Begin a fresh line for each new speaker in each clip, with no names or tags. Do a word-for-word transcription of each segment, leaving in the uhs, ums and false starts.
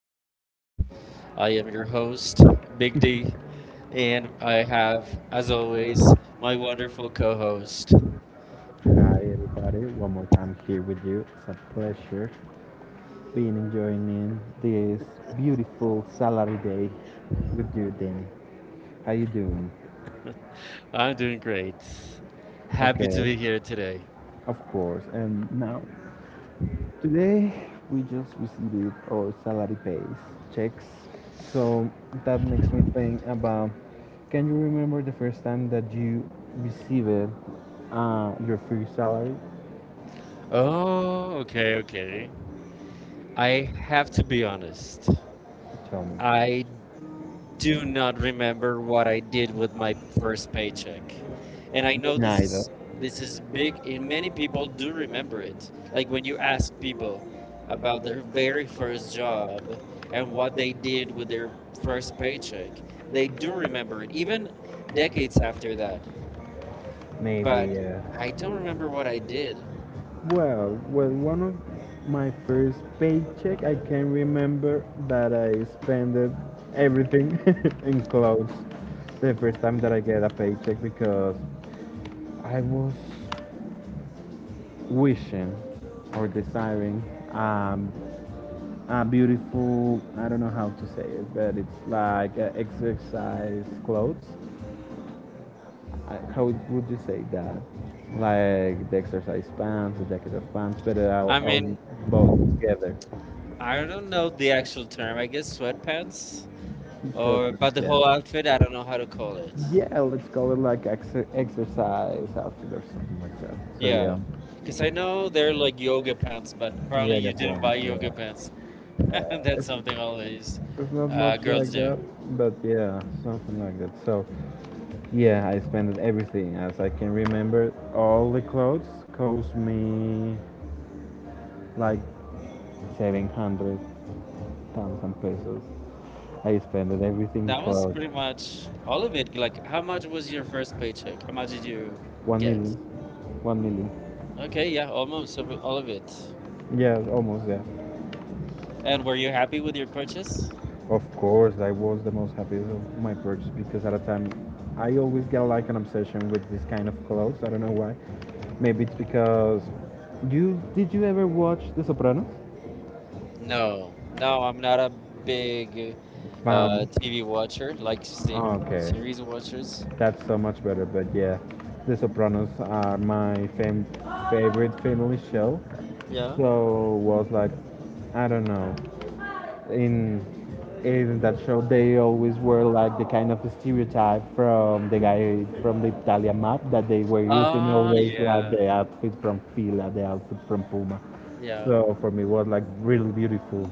Double D Show. I am your host, Big D, and I have, as always, my wonderful co host.
Hi everybody, one more time here with you. It's a pleasure being enjoying in this beautiful salary day with you, Danny. How you doing?
I'm doing great. Happy to
Okay.
be here today.
Of course. And now, today we just received our salary pays checks. So that makes me think about can you remember the first time that you received uh, your free salary?
Oh, okay, okay. I have to be honest.
Tell me.
I do not remember what I did with my first paycheck. And I know this is this is big and many people do remember it. Like when you ask people about their very first job and what they did with their first paycheck, they do remember it even decades after that. But
But
I don't remember what I did.
Well, well, one of my first paycheck, I can remember that I spent it- everything in clothes. The first time that I get a paycheck because I was wishing or desiring um, a beautiful, I don't know how to say it, but it's like uh, exercise clothes. I, how would you say that? Like the exercise pants, the jacket of pants, but I'll,
I
I'll
mean,
both together.
I don't know the actual term. I guess sweatpants
Sure.
or but the whole outfit,
Yeah.
I don't know how to call it.
Yeah, let's go with like ex- exercise outfit or something like that. So
Yeah,
yeah.
because I know they're like yoga pants, but
Yeah,
probably
I
you
guess they
didn't buy yoga pants.
yeah. Uh,
That's
it's-
something always
they. It's not Uh,
uh,
much
girls
like
do.
that, but yeah, something like that. So, yeah, I spent everything as I can remember. All the clothes cost me like seven hundred thousand pesos. I spent everything
That was
for
pretty much all of it. Like, how much was your first paycheck? How much did you
one million.
get?
One million.
Okay, yeah, almost every- all of it.
Yeah, almost. Yeah.
And were you happy with your purchase?
Of course, I was the most happy of my purchase because at a time, I always get like an obsession with this kind of clothes. I don't know why. Maybe it's because you did you ever watch The Sopranos?
No, no, I'm not a big uh,
Found.
T V watcher, like se-
Oh, okay,
series watchers.
that's so much better. But yeah, The Sopranos are my fam- favorite family show.
Yeah.
So was like, I don't know, in in that show they always were like the kind of stereotype from the guy from the Italian map that they were using
Ah,
always like
yeah,
the outfit from Fila, the outfit from Puma.
yeah,
So for me was like really beautiful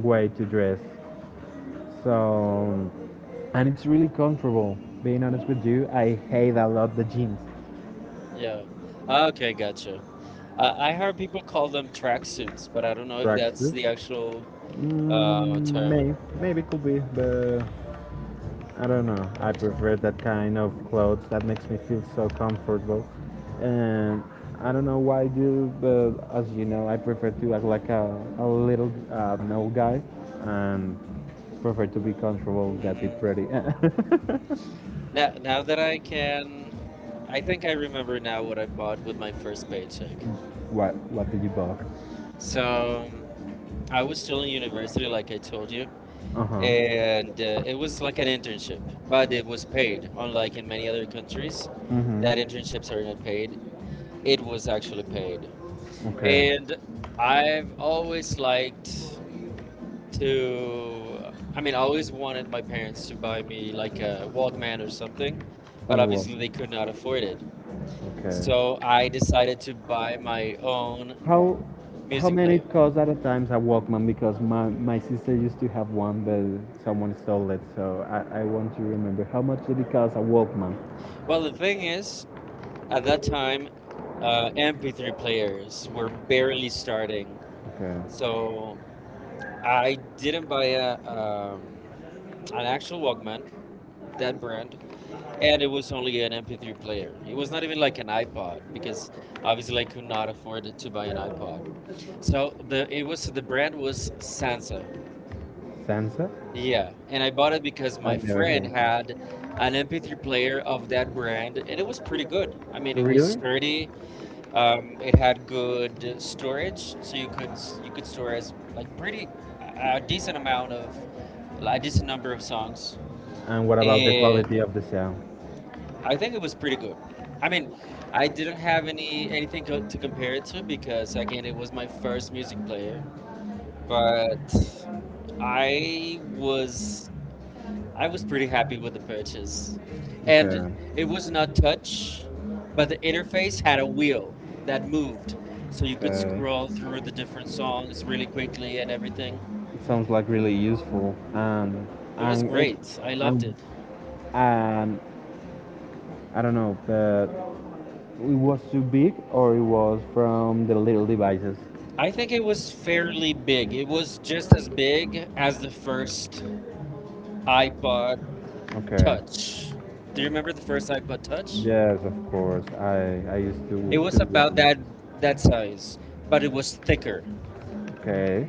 way to dress. So, and it's really comfortable. Being honest with you, I hate a lot the jeans.
yeah. Okay, gotcha.
Uh,
Uh, I heard people call them tracksuits, but I don't know if that's
Tracksuit?
the
Tracksuits?
actual
Mm,
uh,
um,
term.
may maybe could be, but I don't know. I prefer that kind of clothes that makes me feel so comfortable, and I don't know why I do, but as you know, I prefer to act like a, a little uh, no guy, and prefer to be comfortable than be
hmm
pretty.
Now, now that I can, I think I remember now what I bought with my first paycheck.
What What did you buy?
So um, I was still in university, like I told you,
Uh huh.
and uh, it was like an internship, but it was paid. Unlike in many other countries, that internships are not paid. It was actually paid, and I've always liked to i mean I always wanted my parents to buy me like a walkman or something, but
Oh, wow.
obviously they could not afford it.
Okay.
So I decided to buy my own
How how
music
many
player.
it cost at a times a Walkman? Because my, my sister used to have one, but someone stole it. So I, I want to remember how much did it cost a Walkman.
Well, the thing is, at that time, uh, M P three players were barely starting.
Okay.
So I didn't buy a, um, an actual walkman, that brand, and it was only an M P three player. It was not even like an ipod, because obviously I could not afford to buy an ipod. So the it was the brand was Sansa.
Sansa?
Yeah, and I bought it because my friend had an M P three player of that brand, and it was pretty good. I mean, it was sturdy. Um, it had good storage, so you could s- you could store as like pretty a a decent amount of, a decent number of songs,
And of
and
the sound?
I think it was pretty good. I mean, I didn't have any anything co- to compare it to, because again, it was my first music player, but. I was I was pretty happy with the purchase. And
Okay.
it was not touch, but the interface had a wheel that moved. So you could scroll through the different songs really quickly and everything.
It sounds like really useful. And
It was
it was.
great. I loved it.
And um, I don't know, but it was too big or it was from the little devices.
I think it was fairly big. It was just as big as the first iPod Touch. Do you remember the first iPod Touch?
Yes, of course. I I used to.
It was about that that size, but it was thicker.
Okay.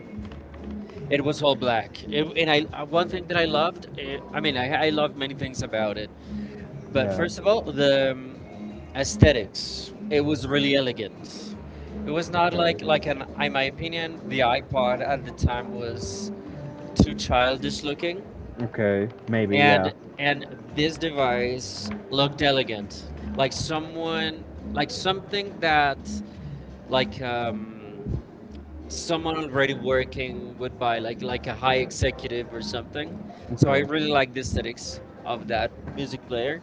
It was all black. It, and I uh, one thing that I loved, eh, I mean, I, I loved many things about it, but first of all, the um, aesthetics. It was really elegant. It was not like like an, in my opinion, the iPod at the time was too childish looking,
Okay.
and and this device looked elegant, like someone, like something that like um, someone already working would buy, like like a high executive or something. So I
Okay.
really like the aesthetics of that music player.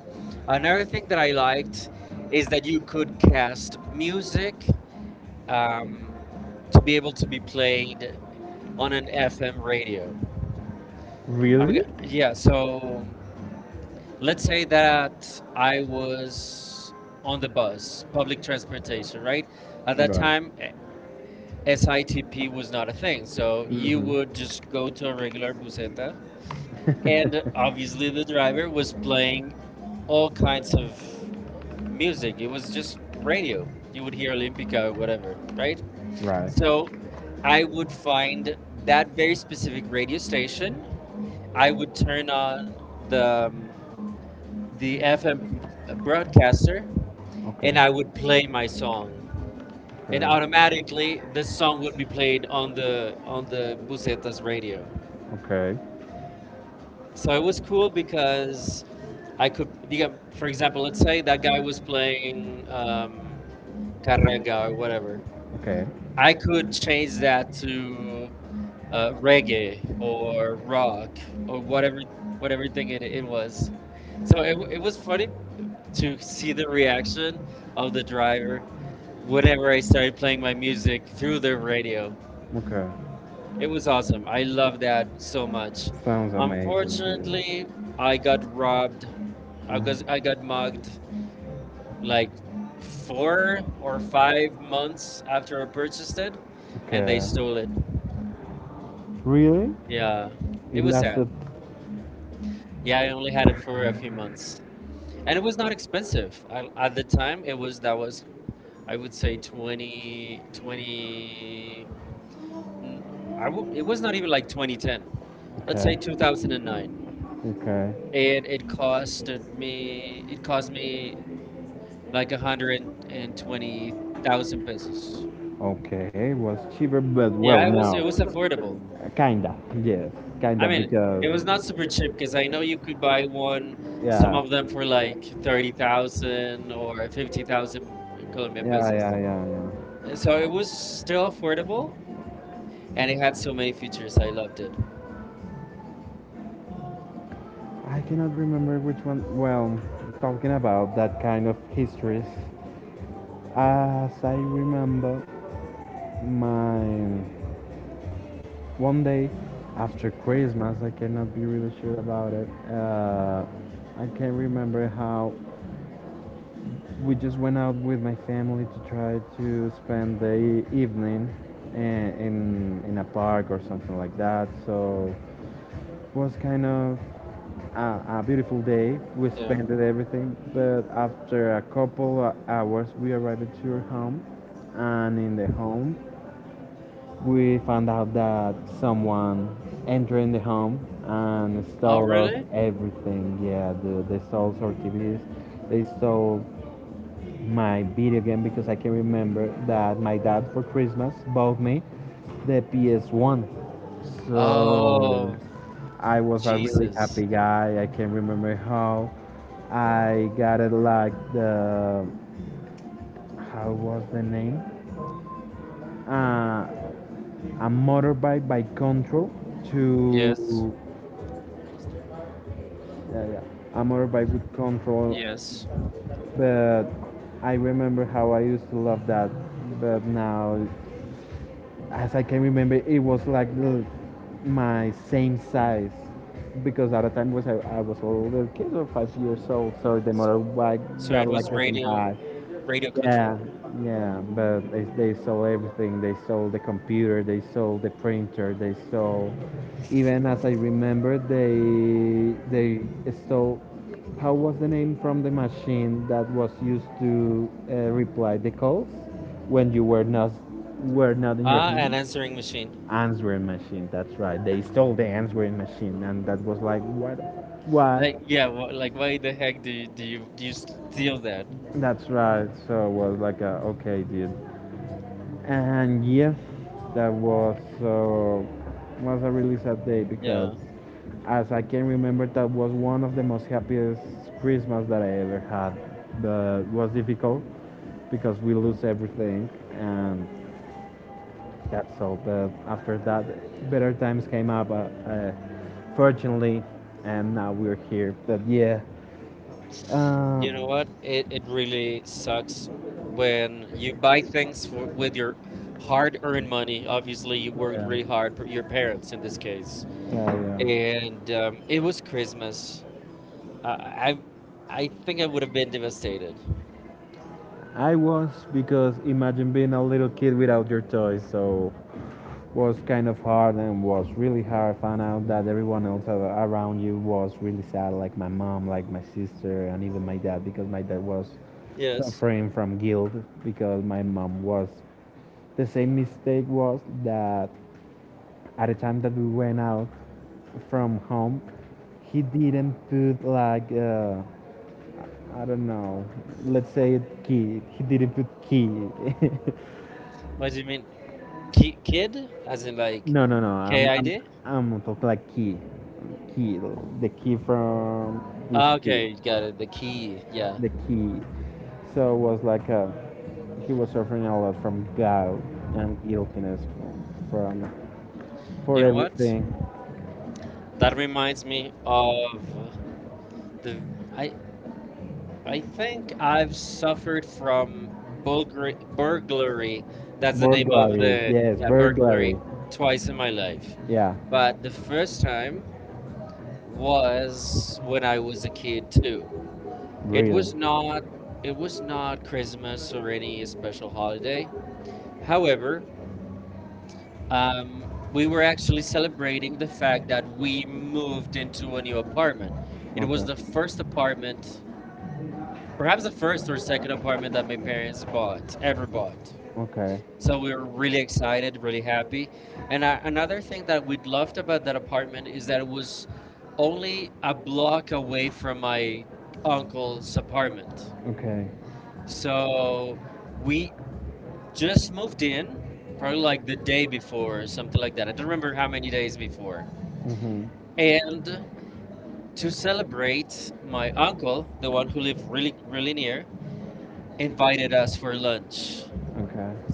Another thing that I liked is that you could cast music, um, to be able to be played on an FM radio. I'm, g-
Really?
yeah, so let's say that I was on the bus, public transportation, right? At that time, eh, S I T P was not a thing. So you would just
Hmm.
go to a regular buseta, and obviously the driver was playing all kinds of music. It was just radio. You would hear Olympica or whatever, right?
Right.
So I would find that very specific radio station. I would turn on the um, the F M broadcaster,
Okay.
and I would play my song. And
Okay.
automatically, this song would be played on the on the Busetas radio.
Okay.
So it was cool because I could, digam- for example, let's say that guy was playing um, carrega or whatever.
Okay.
I could change that to uh, reggae or rock or whatever, whatever thing it, it was. So it, it was funny to see the reaction of the driver whenever I started playing my music through the radio.
Okay.
It was awesome. I love that so much. Unfortunately, I got robbed I got I got mugged like four or five months after I purchased it, and they stole
Okay.
it.
Really?
Yeah, it was sad.
Especially.
Yeah, I only had it for a few months, and it was not expensive I, at the time. It was that was I would say twenty twenty. 20 n- I w- It was not even like two thousand ten. Let's say two thousand nine. And nine,
Okay. Okay.
and it costed me it cost me like one hundred twenty thousand pesos.
Okay, it was cheaper, but well,
Yeah, it
no,
was it was affordable.
Uh, kinda, yes, kinda
I mean,
because
it was not super cheap because I know you could buy one, some
yeah,
of them for like thirty thousand or fifty thousand
yeah, depends.
Colombian
Yeah,
pesos.
yeah,
Uh, So it was still affordable, and it had so many features. I loved it.
yeah. I cannot remember which one. Well, talking about that kind of histories, as I remember, mine. One day after Christmas, I cannot be really sure about it. Uh, I can't remember how we just went out with my family to try to spend the evening i- in in a park or something like that. So it was kind of a, a beautiful day. We
Yeah.
spent everything, but after a couple of hours, we arrived to your home, and in the home, we found out that someone entered in the home and
Oh
stole us
really?
everything. Yeah, the, they stole our T Vs. They stole my video game because I can remember that my dad for Christmas bought me the P S one. So
Oh
I was a really
Jesus.
happy guy. I can remember how I got it like the how was the name? Uh, a motorbike by control to.
Yes.
Yeah, yeah, yeah. A motorbike with control. Yes.
Yes.
But I remember how I used to love that, but now as I can remember, it was like my same size because at the time was I, I was a little kid or five years old, so the
So,
motorbike
so it
got like
was
the same
radio
height.
radio control.
Yeah, yeah, but they, they sold everything. They sold the computer, they sold the printer, they sold. Even as I remember, they they stole how was the name from the machine that was used to uh, reply the calls when you were not were not in your
Ah, an
home?
answering machine.
Answering machine. That's right. They stole the answering machine, and that was like what? Why?
Like yeah, wh- like why the heck do you, do you do you steal that?
That's right. So it was like, a, okay, dude. And yes, that was uh, was a really sad day because,
Yeah,
as I can remember, that was one of the most happiest Christmas that I ever had. But it was difficult because we lose everything, and that's all. But after that, better times came up, uh, uh, fortunately, and now we're here. But yeah.
you know
Um,
what? It it really sucks when you buy things for with your hard-earned money. Obviously, you worked really hard, p- your parents in this case,
yeah,
and um, it was Christmas. I I I think I would have been devastated.
I was because imagine being a little kid without your toys. So was kind of hard and was really hard. I found out that everyone else around you was really sad, like my mom, like my sister, and even my dad, because my dad was
Yes.
suffering from guilt because my mom was. The same mistake was that at the time that we went out from home, he didn't put like uh, I don't know. Let's say it key. He didn't put key.
What do you mean, Ki kid? As in like
No, no, no. I'm,
KID?
I'm, I'm talking like key, key, the key from
Ah,
this key,
okay, got it. The key. Yeah.
the key. So it was like uh he was suffering a lot from gout and guiltiness from, from for
You know what?
everything.
That reminds me of the. I.
I
I think I've suffered from bulgari- burglary.
The
That's the name of
burglary,
the
yes,
yeah, burglary
burglary,
twice in my
burglary.
life.
Yeah,
But the first time was when I was a kid too. It
real.
was not it was not Christmas or any special holiday. However, um, we were actually celebrating the fact that we moved into a new apartment. It was the first apartment perhaps the first or second apartment that my parents bought ever bought.
Okay.
So we were really excited, really happy. And uh, another thing that we loved about that apartment is that it was only a block away from my uncle's apartment.
Okay.
So we just moved in, probably like the day before or something like that. I don't remember how many days before.
Mhm.
And to celebrate, my uncle, the one who lived really, really near, invited us for lunch.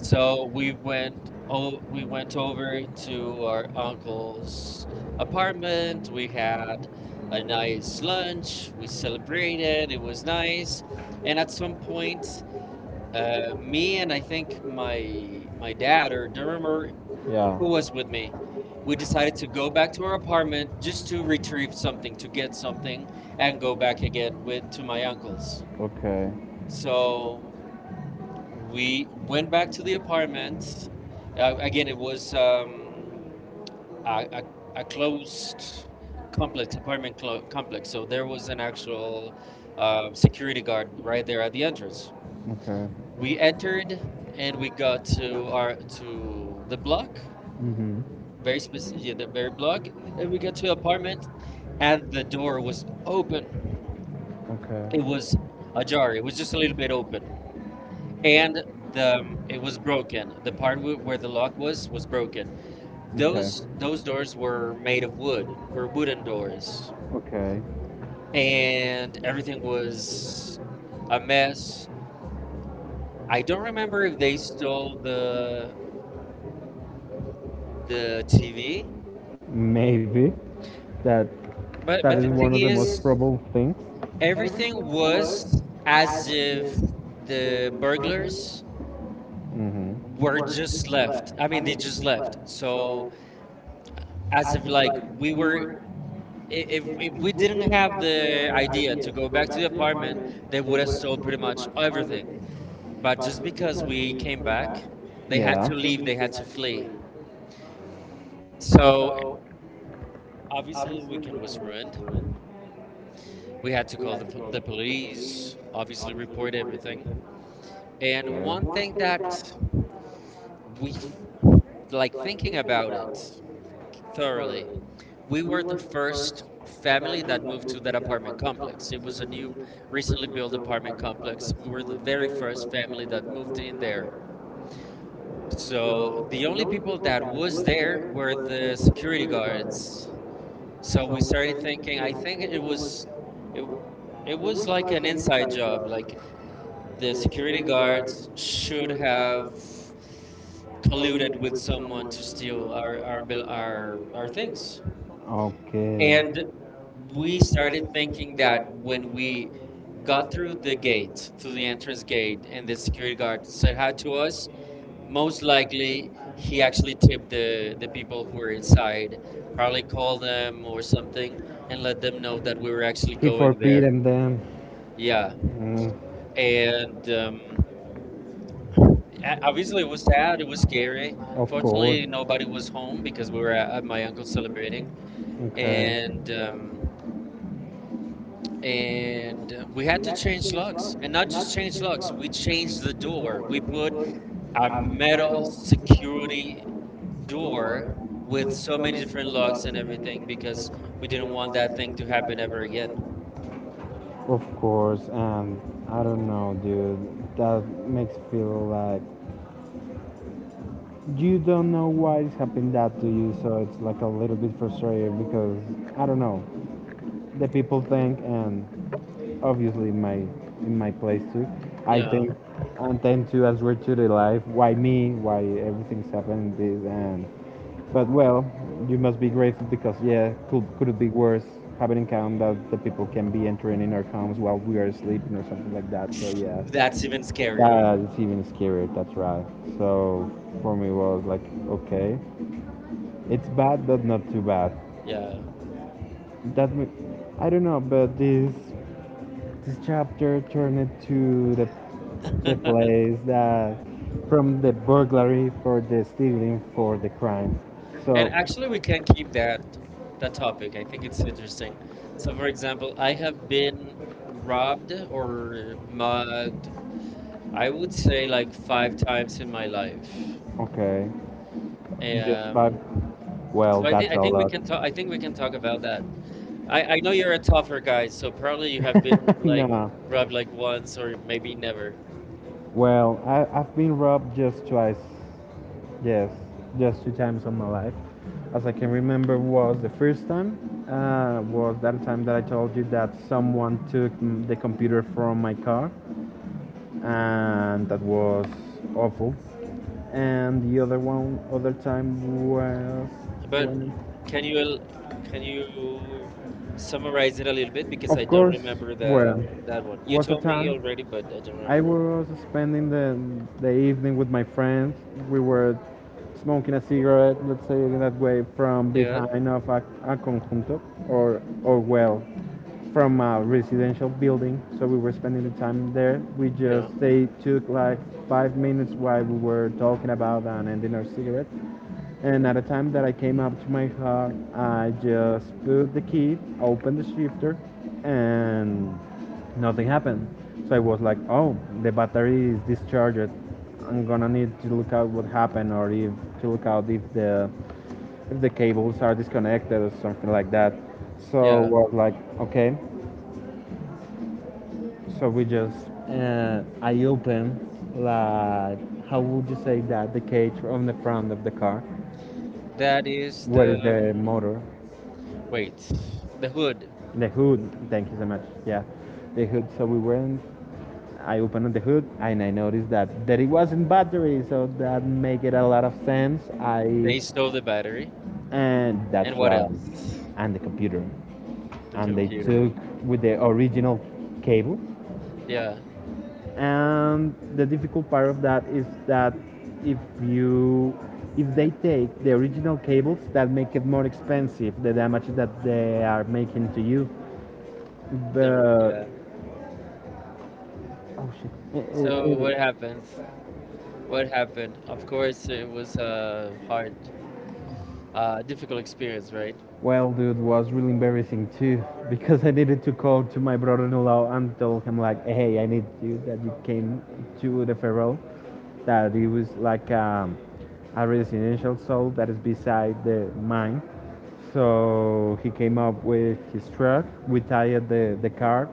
So we went oh we went over to our uncle's apartment. We had a nice lunch. We celebrated. It was nice. And at some point, uh, me and I think my my dad or drummer who was with me, we decided to go back to our apartment just to retrieve something, to get something, and go back again with to my uncle's.
Okay.
So we went back to the apartment. Uh, again, it was um, a, a, a closed complex, apartment clo- complex. So there was an actual uh, security guard right there at the entrance.
Okay.
We entered and we got to our to the block,
Mhm.
very specific, yeah, the very block, and we got to the apartment, and the door was open.
Okay.
It was ajar. It was just a little bit open. And the um, it was broken. The part w- where the lock was was broken. Those those doors were made of wood, were wooden doors,
Okay.
and everything was a mess. I don't remember if they stole the the T V,
Maybe that
but but the thing is,
things.
everything was as if the burglars
Mm-hmm.
were just left. I mean, they just left. So as if like we were, i- if if we didn't have the idea to go back to the apartment, they would have sold pretty much everything. But just because we came back, they had to leave. They had to flee. So obviously, weekend was ruined. We had to call the p- the police. Obviously, report everything. And one thing that we th- like thinking about it thoroughly, we were the first family that moved to that apartment complex. It was a new, recently built apartment complex. We were the very first family that moved in there. So the only people that was there were the security guards. So we started thinking. I think it was, it, it was like an inside job. Like the security guards should have colluded with someone to steal our our bil- our, our things.
Okay.
And we started thinking that when we got through the gate, through the entrance gate, and the security guard said hi to us, most likely he actually tipped the, the people who were inside, probably called them or something, and let them know that we were actually going there.
Them.
Yeah.
Mm.
And um, a- Obviously, it was sad, it was scary. Fortunately, nobody was home because we were at at my uncle's celebrating. And um, and we had to change locks, and not just change locks, we changed the door, we put a metal security door with so many different locks and everything because we didn't want that thing to happen ever again.
Of course, and I don't know, dude. That makes feel like you don't know why it's happened that to you, so it's like a little bit frustrating because I don't know the people think, and obviously in my in my place too, I
Yeah,
think and tend to answer to the life, why me, why everything's happening this and. But well, you must be grateful because yeah, could could it be worse? Having in account that the people can be entering in our homes while we are sleeping or something like that. So yeah,
that's even scarier.
that it's even scarier. That's right. So for me was like okay, it's bad but not too bad.
Yeah.
That ma- I don't know, but this this chapter turned to the, the
And
place that from the burglary for the stealing for the crime. So
actually, we can keep that that topic, I think it's interesting. So for example, I have been robbed or mugged, I would say like five times in my life.
okay, just by
Um,
well,
so I think
that's
I
a
think we
lot.
can talk. I think we can talk about that. I, I know you're a tougher guy, so probably you have been like
No.
rubbed like once or maybe never.
Well, I, I've been robbed just twice. Yes, just two times in my life. As I can remember, was the first time uh, was that time that I told you that someone took mm, the computer from my car and that was awful. And the other one, other time was.
But
When,
can you el- can you summarize it a little bit because I
of
don't
course,
remember the
well,
that one. You
was a
told me
time
already, but I don't
I
remember it.
was spending the, the evening with my friends. We were smoking a cigarette, let's say it that way, from
Yeah,
behind of a, a conjunto, or, or well, from a residential building, so we were spending the time there. We
yeah,
just they took like five minutes while we were talking about and ending our cigarette. And at the time that I came up to my car, I just put the key, opened the shifter, and nothing happened. So I was like, oh, the battery is discharged. I'm gonna need to look out what happened or if to look out if the if the cables are disconnected or something like that. So
yeah.
we're like, okay. So we just uh, I open like how would you say that the cage from the front of the car,
That is
where
the
is the
um,
motor.
wait, the hood.
The hood, thank you so much. Yeah, the hood. So we went. I opened the hood and I noticed that that it wasn't battery, so that make it a lot of sense.
They
I
stole the battery,
And
and
that's
what
right,
else?
and the computer,
The
and they
computer.
took with the original cable.
Yeah,
And the difficult part of that is that if you if they take the original cables, that make it more expensive. The damage that they are making to you.
the
The
yeah.
Oh shit. It-
So
it-
what
it-
happens? What happened? Of course, it was a hard, uh, difficult experience, right?
well, dude, was really embarrassing too because I needed to call to my brother-in-law and tell him like, hey, I need you that you came to the Ferrol, that it was like um, a residential zone that is beside the mine. So he came up with his truck. We tied the the car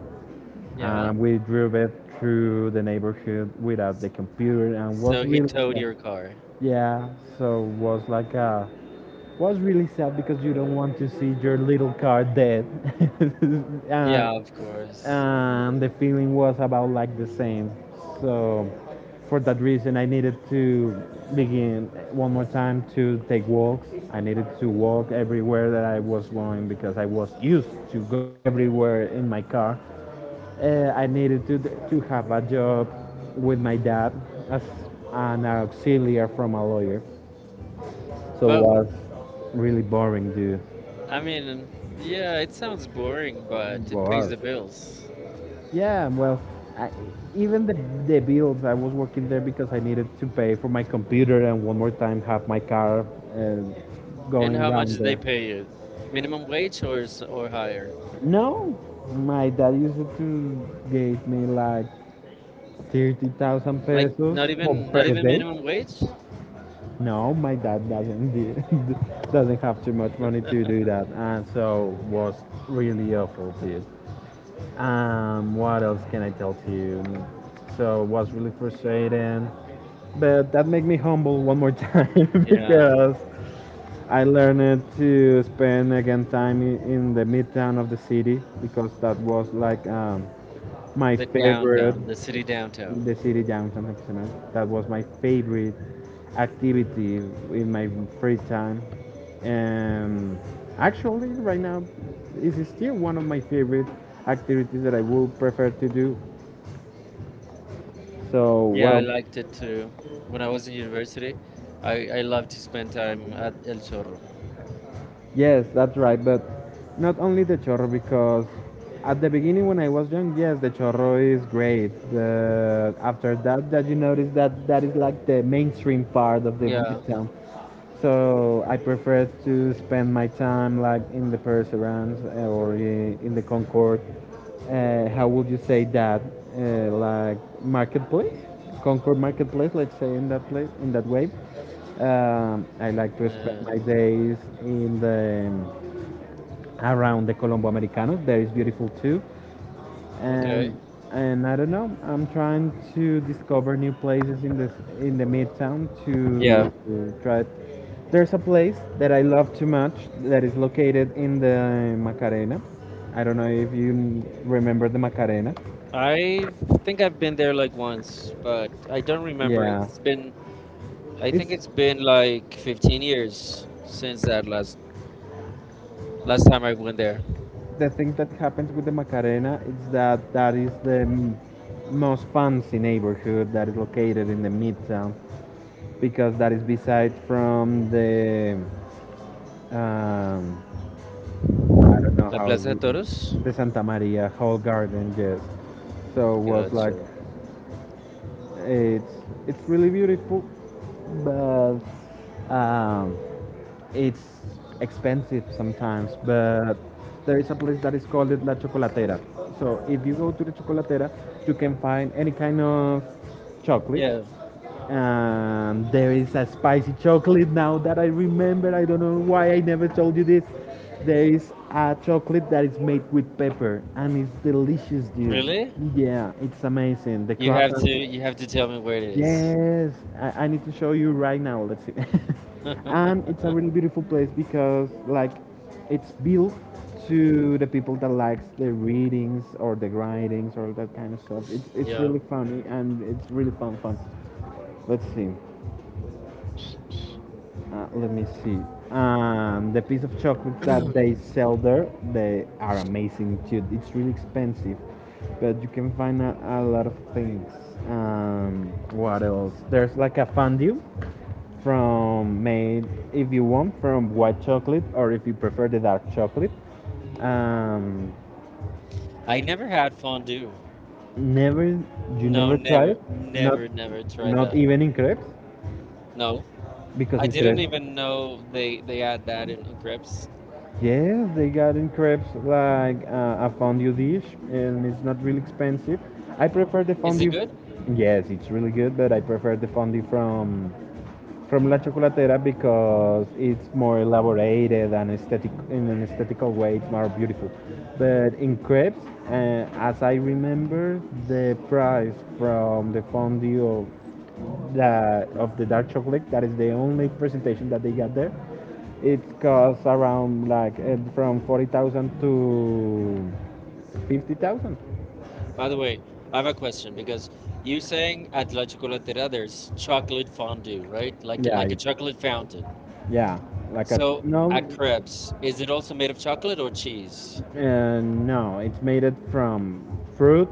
Yeah.
and we drove it through the neighborhood without
S-
the computer and was
So he
really
towed
sad.
your car.
Yeah, so was like a was really sad because you don't want to see your little car dead uh,
Yeah, of course.
and the feeling was about like the same. So for that reason I needed to begin one more time to take walks. I needed to walk everywhere that I was going because I was used to go everywhere in my car. uh, I needed to to have a job with my dad as an auxiliary from a lawyer. So it
But w-
was really boring, dude.
I mean, yeah, it sounds boring, but it pays
Wow.
the bills.
Yeah, well, I, even the, the bills, I was working there because I needed to pay for my computer and one more time have my car uh,
And
going
how much
around
did they
there.
pay you? Minimum wage or s- or higher?
No, my dad used to give me like thirty thousand
Like not
pesos for
even not
per
even
day.
minimum wage?
No, my dad doesn't doesn't have too much money to do that, and so was really awful too. Um, what else can I tell to you? So was really frustrating, but that made me humble one more time
Yeah,
because I learned to spend again time i- in the midtown of the city because that was like um, my
the
favorite
downtown, the city downtown.
the city downtown Exemal. That was my favorite activity in my free time. And actually, right now, is still one of my favorite activities that I would prefer to do. So,
Yeah, I
well,
liked it too. When I was in university, I, I loved to spend time at El Chorro.
yes, that's right. But not only the Chorro, because at the beginning when I was young, yes, the Chorro is great. But after that, that you notice that that is like the mainstream part of the
Yeah.
midtown. So I prefer to spend my time like in the Paris Restaurants, uh, or i- in the Concord. Uh, how would you say that? Uh, like marketplace, Concord marketplace. Let's say in that place, in that way. Um, I like to spend
Uh,
my days in the around the Colombo Americano. There is beautiful too. Okay. and
okay.
and I don't know. I'm trying to discover new places in this in the midtown. Yeah. To
Yeah.
uh, try. It. There's a place that I love too much that is located in the Macarena. I don't know if you n- remember the Macarena.
I think I've been there like once, but I don't remember.
Yeah.
It's been I think
It's
it's been like fifteen years since that last last time I went there.
the thing that happens with the Macarena is that that is the m- most fancy neighborhood that is located in the midtown because that is beside from the um, I don't know
La
how
Plaza de Toros?
the Santa Maria Hall Garden, yes. So was like
Gotcha.
It's it's really beautiful, but um, it's expensive sometimes. But there is a place that is called La Chocolatera. So if you go to the Chocolatera, you can find any kind of chocolate.
Yeah.
Um, there is a spicy chocolate now that I remember. I don't know why I never told you this. There is a chocolate that is made with pepper and it's delicious, dude.
Really?
Really? Yeah, it's amazing. The You
You have to
croissants.
you have to tell me where it is.
Yes, I, I need to show you right now. Let's see. And it's a really beautiful place because like it's built to the people that likes the readings or the writings or that kind of stuff. It's it's yeah,
Yeah.
really funny and it's really fun fun. Let's see. Uh, let me see. Um, the piece of chocolate that they sell there, they are amazing too. It's really expensive, but you can find a, a lot of things. Um, what else? There's like a fondue from made, if you want, from white chocolate or if you prefer the dark chocolate. Um,
I never had fondue.
never, you
No,
never tried
never,
it? Not,
never, never tried
not
that.
even in crepes.
No,
Because
I
in
didn't
crepes,
even know they they add that in, in
crepes.
crepes.
Yes, they got in crepes like uh, a fondue dish, and it's not really expensive. I prefer the Is it
Is it
fondue.
good?
Good? Yes, it's really good, but I prefer the fondue from from La Chocolatera because it's more elaborated and aesthetic in an aesthetical way. It's more beautiful. But in crepes, uh, as I remember, the price from the fondue of the of the dark chocolate, that is the only presentation that they got there. It costs around like uh, from forty thousand to fifty thousand.
By the way, I have a question because you saying at La Chocolatera there's chocolate fondue, right? Like like a chocolate fountain.
Yeah, like
So at crepes, is it also made of chocolate or cheese?
uh, no. It's made it from fruit,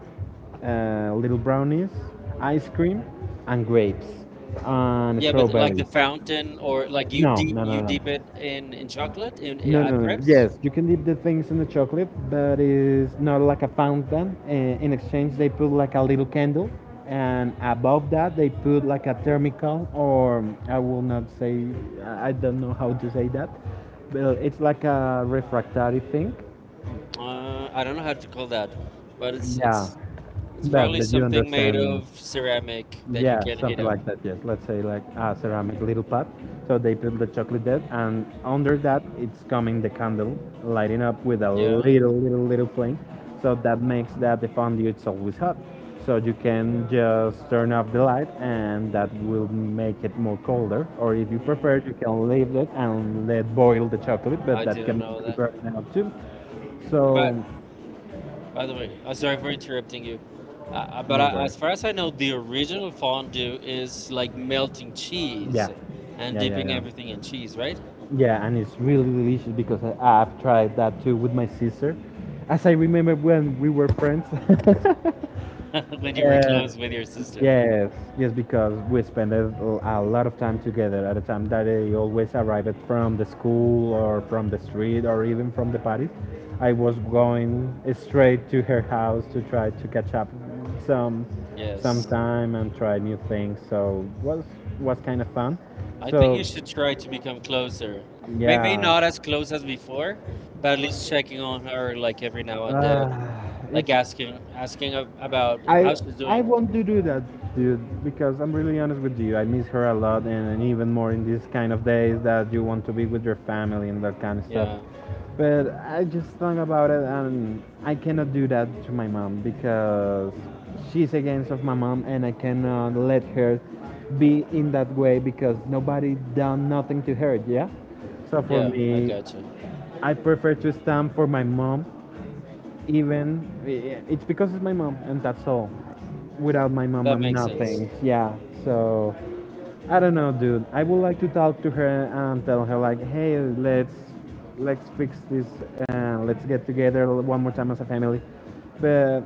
uh, little brownies, ice cream, and grapes and yeah, but
Yeah, but like the
chocolate
fountain, or like you deep you deep it in in chocolate in
no,
at
no,
crepes.
yes, you can dip the things in the chocolate, but it's not like a fountain. I- In exchange, they put like a little candle, and above that, they put like a thermicol, or I will not say, I I don't know how to say that, but it's like a refractory thing.
Uh, I don't know how to call that, but it's
Yeah,
it's It's
but,
probably
but you
something made
understand
of
me.
ceramic that you
Yeah,
can heat
something
up.
like that. Yes, let's say like a ceramic little pot. So they put the chocolate there, and under that it's coming the candle, lighting up with a
Yeah.
little, little, little flame. So that makes that the fondue it's always hot. So you can just turn off the light, and that will make it more colder. Or if you prefer,
Mm,
you can leave it and let boil the chocolate, but
I
that can
didn't
be
know that.
prepared now too. So
But by the way, I'm sorry for interrupting you. Uh, uh, but I,
no.
as far as I know, the original fondue is like melting
Yeah.
cheese and
Yeah, yeah,
dipping
yeah,
everything in cheese, right?
yeah, and it's really delicious because I, I've tried that too with my sister. As I remember when we were friends.
when you were
Yes,
close with your sister.
yes, yes, because we spend a, a lot of time together at a time that I always arrived from the school or from the street or even from the parties. I was going straight to her house to try to catch up some some
Yes.
time and try new things. So was was kind of fun.
I think
So
you should try to become closer. Maybe not
yeah.
as
Maybe
close as before, but at least checking on her
going for
like every now
coffee and then.
and then,
Uh, it's
like asking asking ab- about
I
how she's
I
doing.
want to do that, dude, because I'm really honest with you. I miss her a lot, and, and even more in these kind of days that you want to be with your family and that kind of stuff.
Yeah,
But I just thought about it, and I cannot do that to my mom because she's against of my mom, and I cannot let her be in that way because nobody done nothing to her. Yeah. So for
yeah, I
me,
gotcha.
I prefer to stand for my mom even eh, it's because it's my mom and that's all. Without my mom
That
I'm
makes sense.
nothing. Yeah, so I don't know, dude, I would like to talk to her and tell her like, hey, let's let's fix this and let's get together one more time as a family. But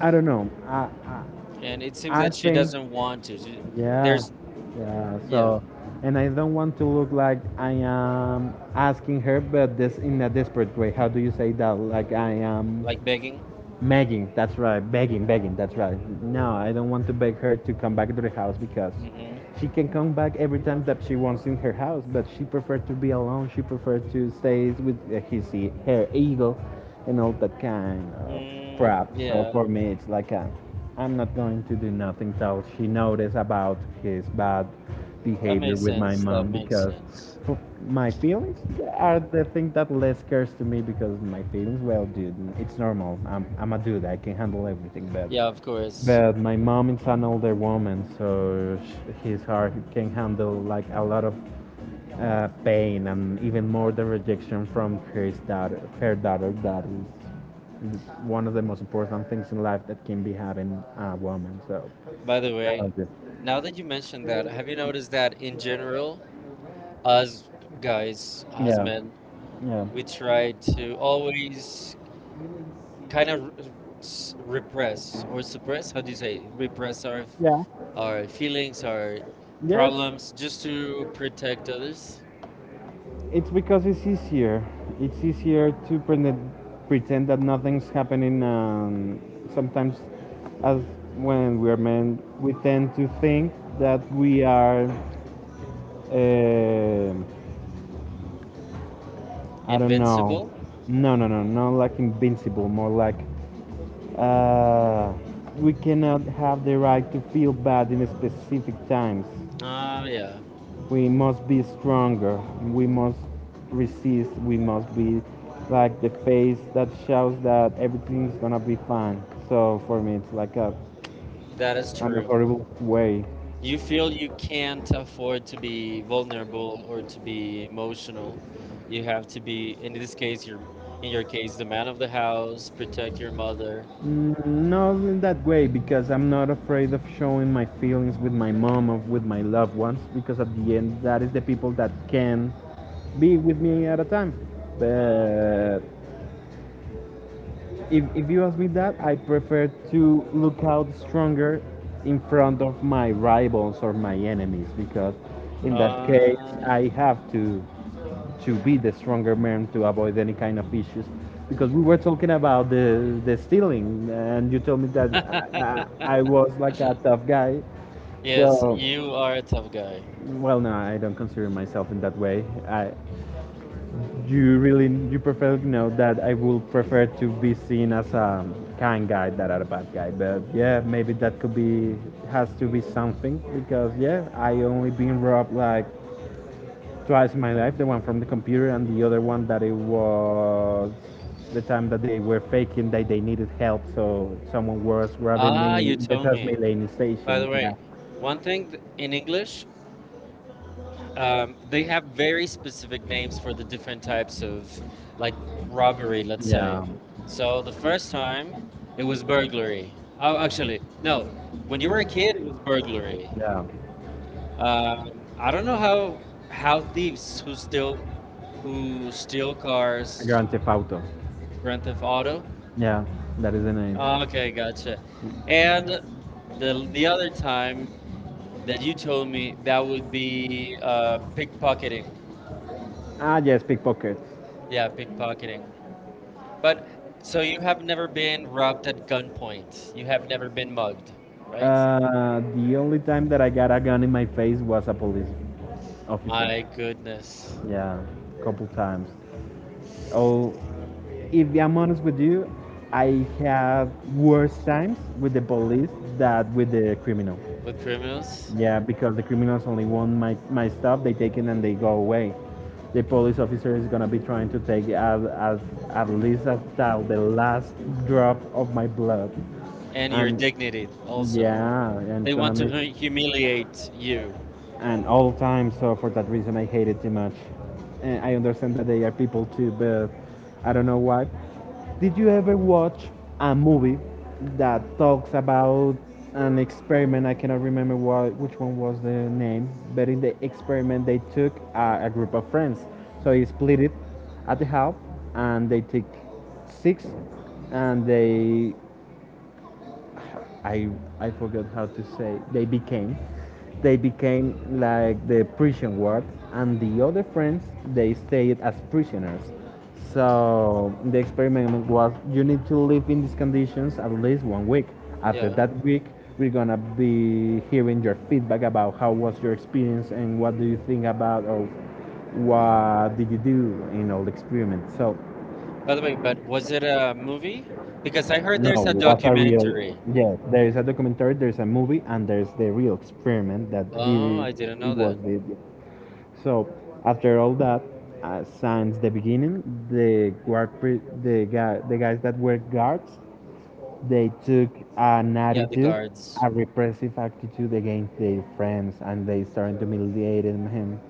I don't know. I,
And it seems
I, I
that she
think,
doesn't want to. She,
yeah,
there's,
yeah.
yeah,
So, and I don't want to look like I am asking her, but this in a desperate way. How do you say that? Like I am.
like begging.
Begging, that's right. Begging, begging, that's right. No, I don't want to beg her to come back to the house because
Mm-hmm.
she can come back every time that she wants in her house, but she preferred to be alone. She preferred to stay with uh, his, e- her ego and all that kind of
Mm,
crap. So
yeah,
for me, it's like a, I'm not going to do nothing till she notice about his bad
that
behavior
makes
with my
sense. That
mom
makes
because
sense.
f- my feelings are the thing that less scares to me because my feelings, well, dude, it's normal. I'm, I'm a dude. I can handle everything. But
Yeah,
yeah,
of course.
but my mom is an older woman, so sh- his heart can handle like a lot of uh, pain and even more the rejection from her daughter. Her daughter that is one of the most important things in life that can be having a woman. So.
By the
Yeah,
way,
okay.
now that you mentioned that, have you noticed that in general, us guys, us
Yeah.
men,
Yeah.
we try to always kind of s repress or suppress. How do you say repress our f-
Yeah.
our feelings, our
Yes.
problems, just to protect others?
It's because it's easier. It's easier to pretend, pretend that nothing's happening. And sometimes, as when we are men, we tend to think that we are, um I don't know,
Invincible.
no, no, no, not like invincible, more like uh, we cannot have the right to feel bad in specific times.
Ah, yeah,
We must be stronger. We must resist. We must be like the face that shows that everything's gonna be fine. So for me, it's like a
that is
in a
true.
horrible way.
You feel you can't afford to be vulnerable or to be emotional. You have to be, in this case, your in your case, the man of the house, protect your mother.
Mm, not in that way, because I'm not afraid of showing my feelings with my mom or with my loved ones, because at the end, that is the people that can be with me at a time.
Ah, okay.
But if, if you ask me that, I prefer to look out stronger in front of my rivals or my enemies because in that case
Uh,
I have to to be the stronger man to avoid any kind of issues because we were talking about the the stealing and you told me that I, I, I was like a tough guy.
yes,
So
you are a tough guy.
well no I don't consider myself in that way. I You really, you perfectly know that I would prefer to be seen as a kind guy than a bad guy. But yeah, maybe that could be has to be something because yeah, I only been robbed like twice in my life. The one from the computer and the other one that it was the time that they were faking that they needed help, so someone was robbing me
Ah, you
in the
told me.
Transmilenio
By
station.
the
Yeah.
way, one thing th- in English, um, they have very specific names for the different types of like robbery, let's say. So the first time it was burglary. Oh, actually, no. When you were a kid, it was burglary.
Yeah.
Um, I don't know how how thieves who steal who steal cars,
Grand Theft Auto.
Grand Theft Auto.
Yeah, that is the name.
Ah, okay, gotcha. And the the other time that you told me that would be uh, pickpocketing.
Ah, yes, pickpockets.
Yeah, pickpocketing. But so you have never been robbed at gunpoint. You have never been mugged, right?
Uh, the only time that I got a gun in my face was a police
My
officer.
goodness.
Goodness. Yeah, couple times. Oh, if I'm honest with you, I have worse times with the police than with the criminal.
With criminals
Yeah, because the criminals only want my, my stuff, they take it and they go away. The police officer is gonna be trying to take at, at, at least until the last drop of my blood.
and your dignity
And
also.
yeah, and
They
it's gonna
want to
be
hu- humiliate you.
and all the time. So for that reason, I hate it too much. And I understand that they are people too, but I don't know why. Did you ever watch a movie that talks about an experiment? I cannot remember what, which one was the name, but in the experiment they took a, a group of friends. So they split it at the half, and they took six, and they I I forgot how to say they became. They became like the prison wards, and the other friends they stayed as prisoners. So the experiment was: you need to live in these conditions at least one week. After
Yeah.
that week, we're gonna be hearing your feedback about how was your experience and what do you think about or what did you do in all the experiments. So
By the way, but was it a movie? Because I heard
no,
there's a
what a real.
documentary.
Yes, there is a documentary, there's a movie, and there's the real experiment that
Oh,
the,
I didn't
it
know
was
that.
did. So after all that, uh, since the beginning, the guard, pre- the guy, the guys that were guards they took an
Yeah, the
attitude,
guards.
a repressive attitude against their friends, and they started humiliating him.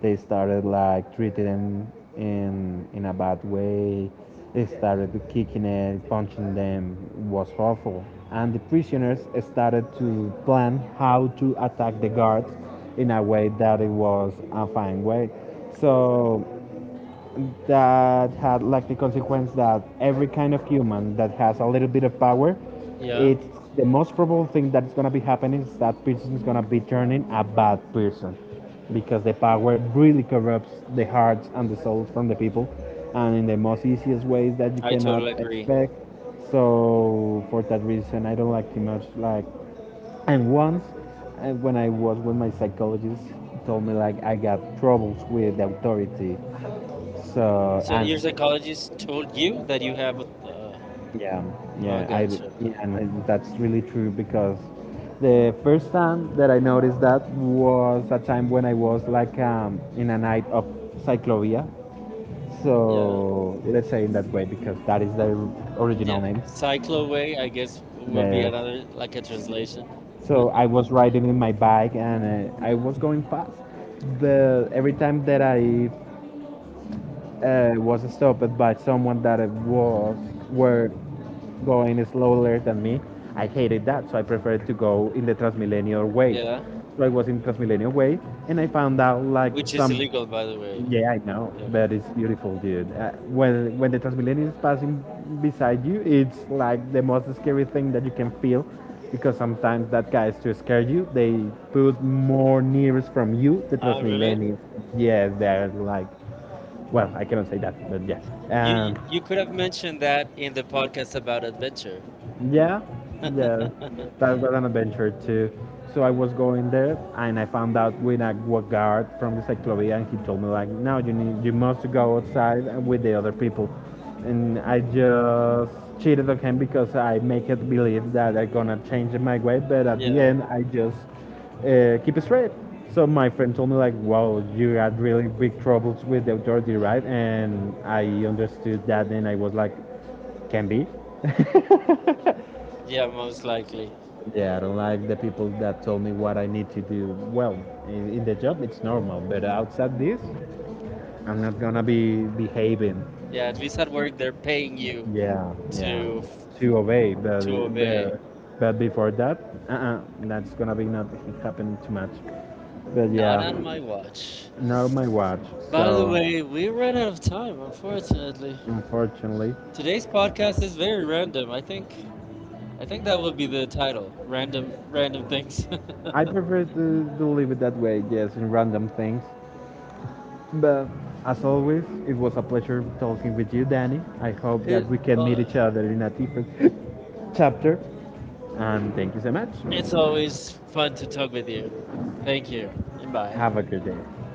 They started like treating him in in a bad way. They started kicking it, punching them. It was awful. And the prisoners started to plan how to attack the guards in a way that it was a fine way. So that had like the consequence that every kind of human that has a little bit of power,
Yeah,
it's the most probable thing that's gonna be happening is that person is gonna be turning a bad person because the power really corrupts the hearts and the souls from the people and in the most easiest ways that you
I
cannot
totally agree.
expect. So for that reason, I don't like too much like and once, uh, when I was with my psychologist, told me like I got troubles with authority, so So
So
and
your psychologist told you that you have a. Uh,
yeah,
oh,
yeah, I d-
gotcha.
yeah, and I- that's really true because the first time that I noticed that was a time when I was like um, in a night of cyclovia.
Yeah.
So let's say in that way because that is the original
Yeah.
name.
Cycloway, I guess, w- would be
The,
another, like a translation.
so I was riding in my bike and uh, I was going fast, but every time that I uh, was stopped by someone that was were going slower than me. I hated that, so I preferred to go in the Transmilenio way.
Yeah.
So I was in Transmilenio way, and I found out like
Which is
some.
illegal, by the way.
Yeah, I know,
Yeah.
but it's beautiful, dude. Uh, when when the Transmilenio is passing beside you, it's like the most scary thing that you can feel, because sometimes that guys to scare you, they put more nearest from you the
Ah, really?
Transmilenio. Yes, they're like well, I cannot say that, but yeah.
You, you you
Um,
could have mentioned that in the podcast about adventure.
yeah, yeah. That was an adventure too. So I was going there, and I found out with a wa- guard from the cyclovia, and he told me like, "Now you need, you must go outside and with the other people." And I just cheated on him because I make it believe that I'm gonna change my way, but at the
Yeah,
end, I just uh, keep it straight. So my friend told me like, "Wow, you had really big troubles with the authority, right?" And I understood that, and I was like, "Can be."
yeah, most likely.
Yeah, I don't like the people that told me what I need to do. Well, in, in the job it's normal, but outside this, I'm not gonna be behaving.
Yeah, at least at work they're paying
You
you
Yeah, yeah,
to f-
to- to obey, but
to obey.
but, but before that, uh-uh, that's gonna be not happening too much. But
Not
yeah,
on my watch.
not on my watch.
By the
So
way, we ran out of time, unfortunately.
unfortunately,
Today's podcast is very random. I think I think that would be the title. Random random things.
I prefer to, to leave it that way, yes, in random things. But as always, it was a pleasure talking with you, Danny. I hope
it,
that we can
uh,
meet each other in a different chapter. And thank you so much.
it's always fun to talk with you. Thank you and bye.
Have a good day.